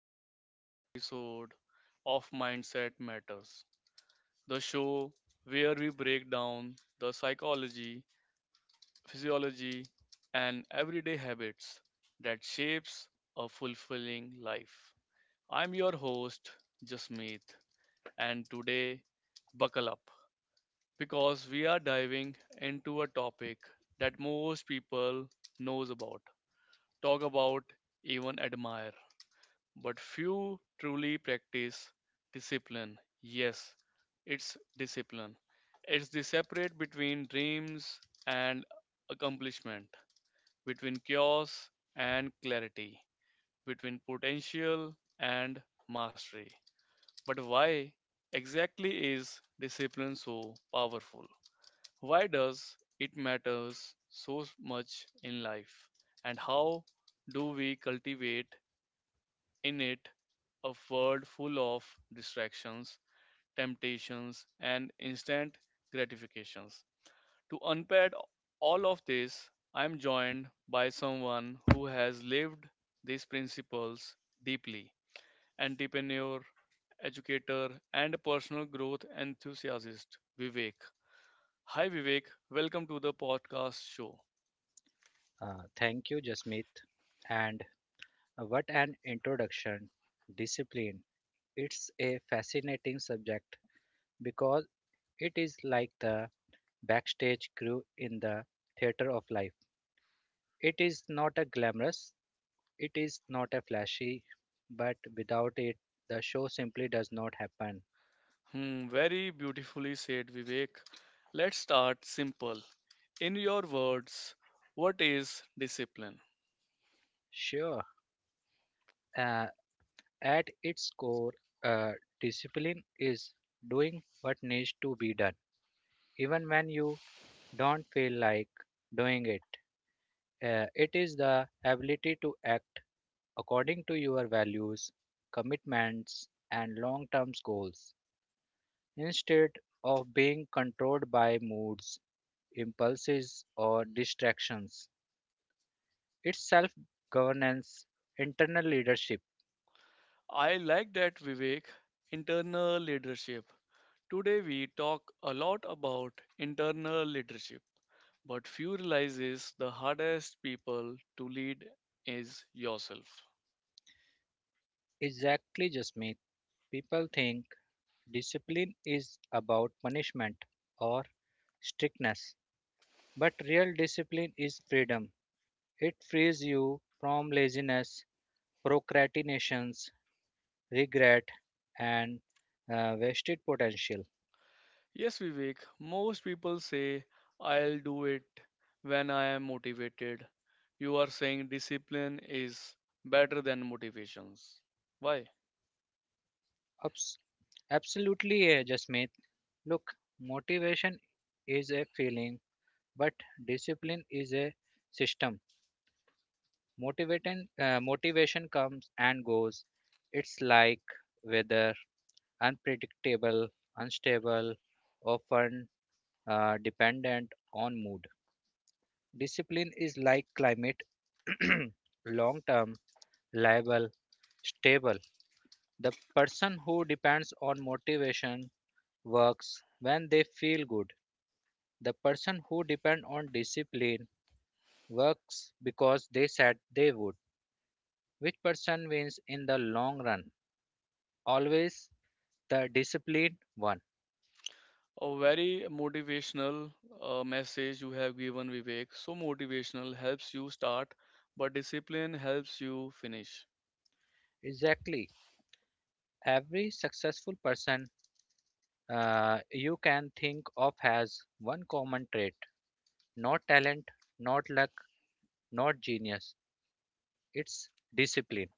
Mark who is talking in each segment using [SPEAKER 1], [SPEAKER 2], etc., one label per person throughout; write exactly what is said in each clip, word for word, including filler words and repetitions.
[SPEAKER 1] our another episode of Mindset Matters, the show where we break down the psychology, physiology, and everyday habits that shapes a fulfilling life. I'm your host, Jasmeet, and today, buckle up because we are diving into a topic that most people knows about, talk about, even admire but few truly practice discipline. Yes, it's discipline. It's the separate between dreams and accomplishment, between chaos and clarity, between potential and mastery. But why exactly is discipline so powerful? Why does it matters so much in life? And how do we cultivate in it, a world full of distractions, temptations, and instant gratifications. To unpack all of this, I am joined by someone who has lived these principles deeply entrepreneur, educator, and personal growth enthusiast, Vivek. Hi, Vivek. Welcome to the podcast show.
[SPEAKER 2] Uh, thank you, Jasmeet. And what an introduction! Discipline. It's a fascinating subject because it is like the backstage crew in the theater of life. It is not a glamorous, it is not a flashy, but without it, the show simply does not happen.
[SPEAKER 1] Hmm, very beautifully said, Vivek. Let's start simple. In your words, what is discipline?
[SPEAKER 2] Sure, uh, at its core, uh, discipline is doing what needs to be done, even when you don't feel like doing it. Uh, it is the ability to act according to your values, commitments, and long term goals instead of being controlled by moods, impulses, or distractions. It's self governance, internal leadership.
[SPEAKER 1] I like that, Vivek. Internal leadership. Today we talk a lot about internal leadership, but few realizes the hardest people to lead is yourself.
[SPEAKER 2] Exactly, Jasmeet. People think discipline is about punishment or strictness, but real discipline is freedom. It frees you from laziness, procrastinations, regret, and uh, wasted potential.
[SPEAKER 1] Yes, Vivek, most people say I'll do it when I am motivated. You are saying discipline is better than motivations. Why?
[SPEAKER 2] Abs- absolutely, uh, Jasmeet. Look, motivation is a feeling, but discipline is a system. Motivating, uh, motivation comes and goes. It's like weather, unpredictable, unstable, often uh, dependent on mood. Discipline is like climate long term, liable, stable. The person who depends on motivation works when they feel good. The person who depends on discipline works because they said they would. Which person wins in the long run? Always the disciplined one.
[SPEAKER 1] A very motivational uh, message you have given, Vivek. So motivational helps you start, but discipline helps you finish.
[SPEAKER 2] Exactly. Every successful person uh, you can think of has one common trait, not talent, not luck, not genius, it's discipline.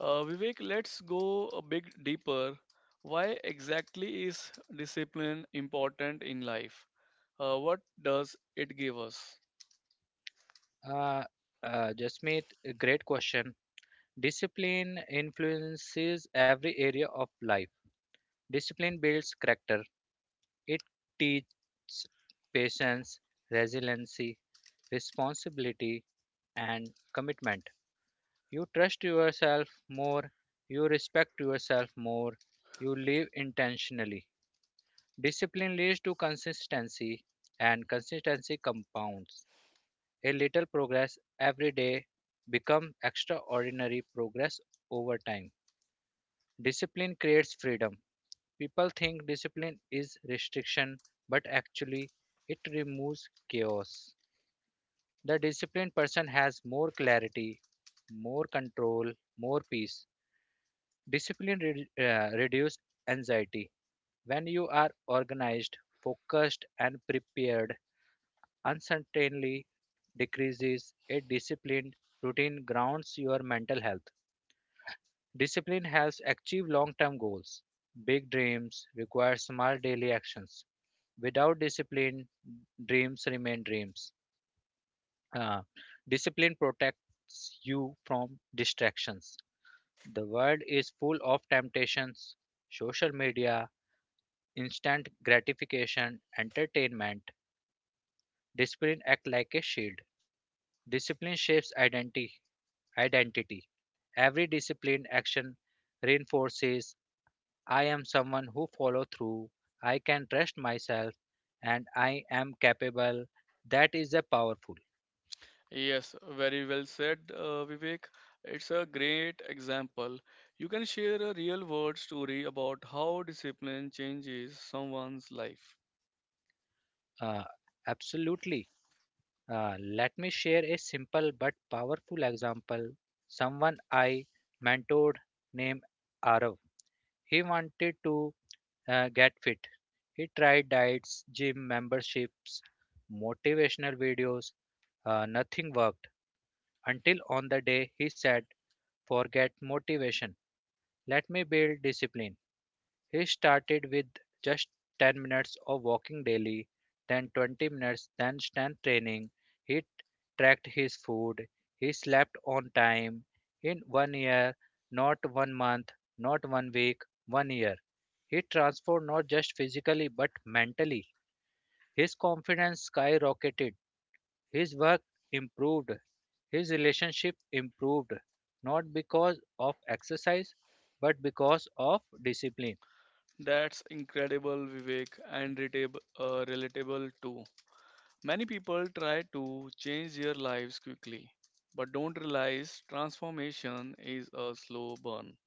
[SPEAKER 1] Uh, Vivek, let's go a bit deeper. Why exactly is discipline important in life? Uh, what does it give us?
[SPEAKER 2] Uh, uh, Jasmeet, a great question. Discipline influences every area of life. Discipline builds character. It teaches patience, resiliency, responsibility, and commitment. You trust yourself more. You respect yourself more. You live intentionally. Discipline leads to consistency, and consistency compounds. A little progress every day becomes extraordinary progress over time. Discipline creates freedom. People think discipline is restriction, but actually, it removes chaos. The disciplined person has more clarity, more control, more peace. Discipline re- uh, reduces anxiety. When you are organized, focused, and prepared, uncertainty decreases. A disciplined routine grounds your mental health. Discipline helps achieve long term goals. Big dreams require small daily actions. Without discipline, dreams remain dreams. Uh, Discipline protects you from distractions. The world is full of temptations, social media, instant gratification, entertainment. Discipline acts like a shield. Discipline shapes identity. Identity. Every disciplined action reinforces, I am someone who follow through, I can trust myself, and I am capable. That is a powerful.
[SPEAKER 1] Yes, very well said, uh, Vivek. It's a great example. You can share a real world story about how discipline changes someone's life.
[SPEAKER 2] Uh, Absolutely. Uh, let me share a simple but powerful example. Someone I mentored named Arav. He wanted to uh, get fit. He tried diets, gym memberships, motivational videos. Uh, nothing worked until on the day he said, forget motivation, let me build discipline. He started with just ten minutes of walking daily, then twenty minutes, then strength training. He tracked his food, he slept on time. In one year, not one month, not one week, one year, he transformed not just physically but mentally. His confidence skyrocketed, his work improved, his relationship improved, not because of exercise but because of discipline.
[SPEAKER 1] That's incredible, Vivek, and relatable, uh, relatable too. Many people try to change their lives quickly, but don't realize transformation is a slow burn.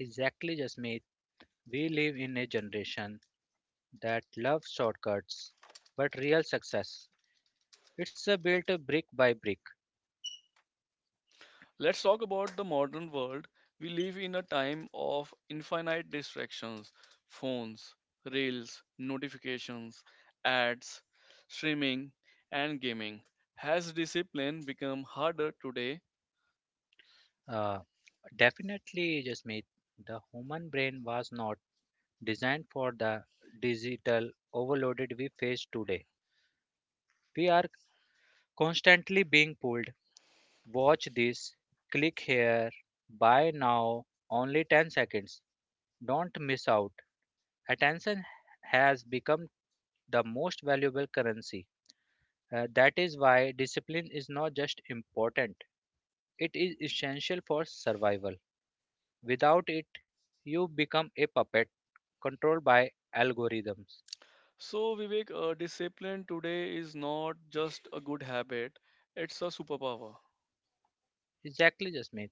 [SPEAKER 2] Exactly, Jasmeet. We live in a generation that loves shortcuts, but real success. It's a built a brick by brick.
[SPEAKER 1] Let's talk about the modern world. We live in a time of infinite distractions phones, reels, notifications, ads, streaming, and gaming. Has discipline become harder today?
[SPEAKER 2] Uh, Definitely, Jasmeet. The human brain was not designed for the digital overloaded we face today. We are constantly being pulled. Watch this, click here, buy now, only ten seconds. Don't miss out. Attention has become the most valuable currency. Uh, that is why discipline is not just important, it is essential for survival. Without it, you become a puppet controlled by algorithms.
[SPEAKER 1] So, Vivek, uh, discipline today is not just a good habit, it's a superpower.
[SPEAKER 2] Exactly, Jasmeet.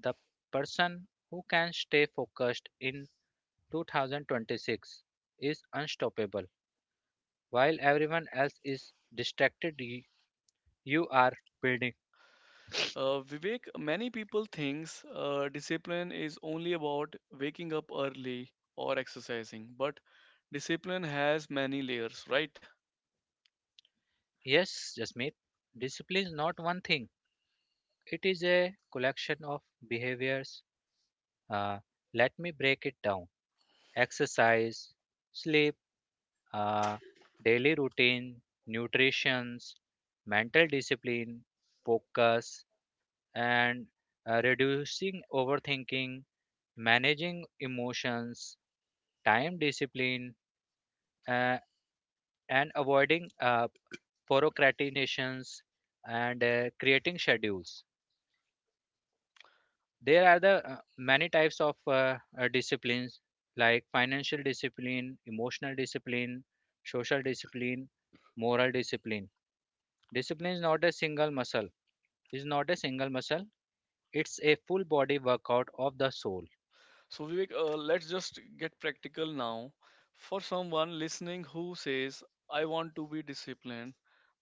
[SPEAKER 2] The person who can stay focused in two thousand twenty-six is unstoppable. While everyone else is distracted, y- you are building.
[SPEAKER 1] Uh, Vivek, many people thinks uh, discipline is only about waking up early or exercising, but discipline has many layers, right?
[SPEAKER 2] Yes, Jasmeet. Discipline is not one thing, it is a collection of behaviors. uh, Let me break it down. Exercise, sleep, uh, daily routine, nutrition, mental discipline, focus, and uh, reducing overthinking, managing emotions, time discipline, uh, and avoiding uh, procrastinations, and uh, creating schedules. There are the uh, many types of uh, uh, disciplines, like financial discipline, emotional discipline, social discipline, moral discipline. Discipline is not a single muscle is not a single muscle it's a full body workout of the soul.
[SPEAKER 1] So, Vivek, uh, let's just get practical now. For someone listening who says, I want to be disciplined,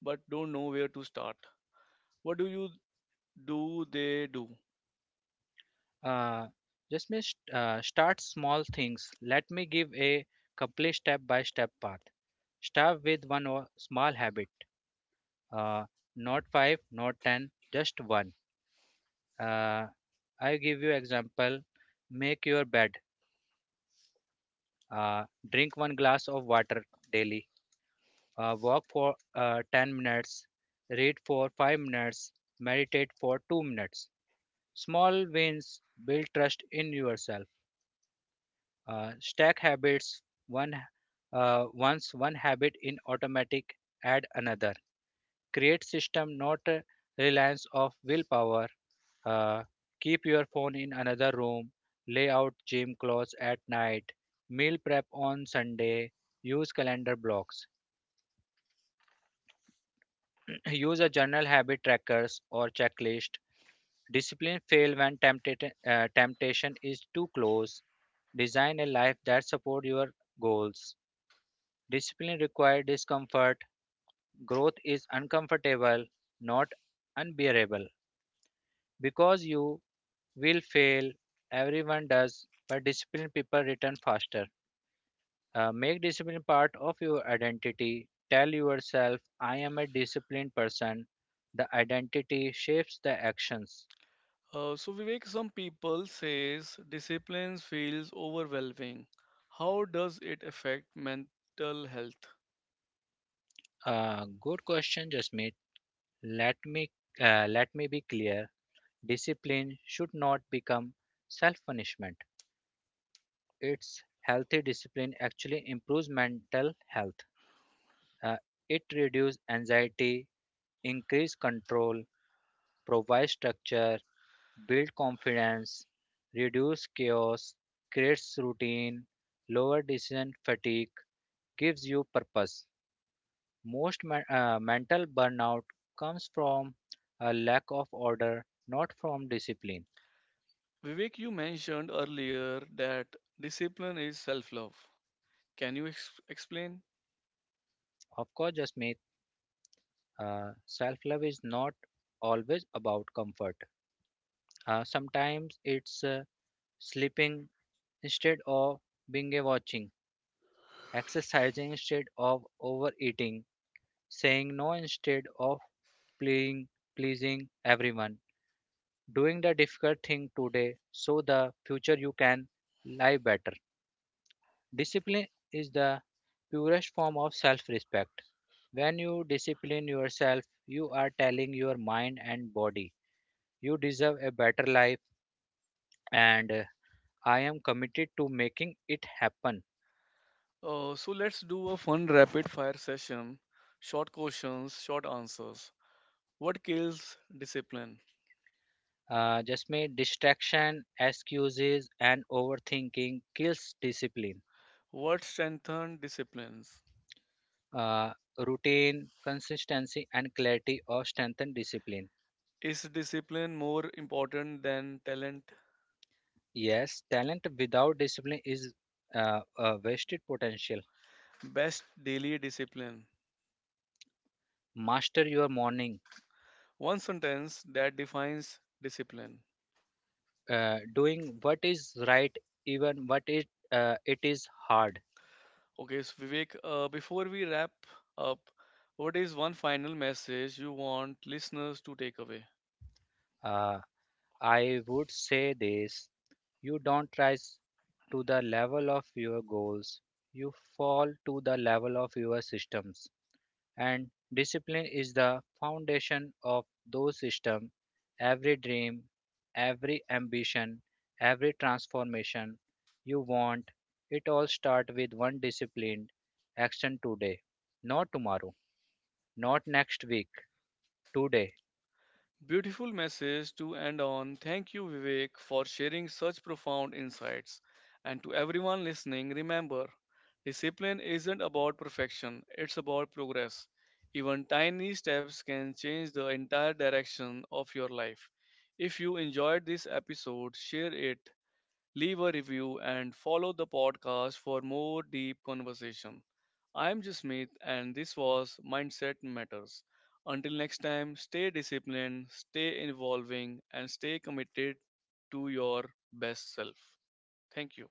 [SPEAKER 1] but don't know where to start, what do you do they do?
[SPEAKER 2] uh, just may st- uh, Start small things. Let me give a complete step by step path. Start with one o- small habit uh, not five, not ten, just one. Uh, I give you example. Make your bed. Uh, Drink one glass of water daily. Uh, walk for uh, ten minutes. Read for five minutes. Meditate for two minutes. Small wins build trust in yourself. Uh, stack habits. One uh, once one habit in automatic, add another. Create system, not a reliance of willpower. Uh, Keep your phone in another room. Lay out gym clothes at night. Meal prep on Sunday. Use calendar blocks. Use a journal, habit trackers, or checklist. Discipline fail when temptat- uh, temptation is too close. Design a life that support your goals. Discipline requires discomfort. Growth is uncomfortable, not unbearable. Because you will fail, everyone does, but disciplined people return faster. Uh, make discipline part of your identity. Tell yourself, I am a disciplined person. The identity shapes the actions.
[SPEAKER 1] Uh, so Vivek, some people says discipline feels overwhelming. How does it affect mental health?
[SPEAKER 2] Uh, good question, Jasmeet. Let me uh, Let me be clear. Discipline should not become self-punishment. It's healthy discipline actually improves mental health. Uh, it reduces anxiety, increase control, provides structure, build confidence, reduce chaos, creates routine, lower decision fatigue, gives you purpose. Most men- uh, mental burnout comes from a lack of order, not from discipline.
[SPEAKER 1] Vivek, you mentioned earlier that discipline is self-love. Can you ex- explain?
[SPEAKER 2] Of course, Jasmeet. uh, Self love is not always about comfort. Uh, sometimes it's uh, sleeping instead of being a watching, exercising instead of overeating, saying no instead of pleasing pleasing everyone, doing the difficult thing today so the future you can live better. Discipline is the purest form of self respect. When you discipline yourself, you are telling your mind and body, you deserve a better life, and uh, I am committed to making it happen.
[SPEAKER 1] Uh, so let's do a fun rapid fire session. Short questions, short answers. What kills discipline?
[SPEAKER 2] Uh, just may Distraction, excuses, and overthinking kills discipline.
[SPEAKER 1] What strengthens disciplines?
[SPEAKER 2] uh, Routine, consistency, and clarity or strengthen discipline.
[SPEAKER 1] Is discipline more important than talent?
[SPEAKER 2] Yes, talent without discipline is uh, a wasted potential.
[SPEAKER 1] Best daily discipline.
[SPEAKER 2] Master your morning.
[SPEAKER 1] One sentence that defines discipline.
[SPEAKER 2] Uh, doing what is right, even what it uh, it is hard.
[SPEAKER 1] Okay, so Vivek, uh, before we wrap up, what is one final message you want listeners to take away?
[SPEAKER 2] Uh, I would say this: you don't rise to the level of your goals; you fall to the level of your systems. And discipline is the foundation of those systems. Every dream, every ambition, every transformation you want, it all starts with one disciplined action today, not tomorrow, not next week, today.
[SPEAKER 1] Beautiful message to end on. Thank you, Vivek, for sharing such profound insights. And to everyone listening, remember discipline isn't about perfection, it's about progress. Even tiny steps can change the entire direction of your life. If you enjoyed this episode, share it leave a review, and follow the podcast for more deep conversation. I'm Jasmeet, and this was Mindset Matters. Until next time, stay disciplined, stay evolving, and stay committed to your best self. Thank you.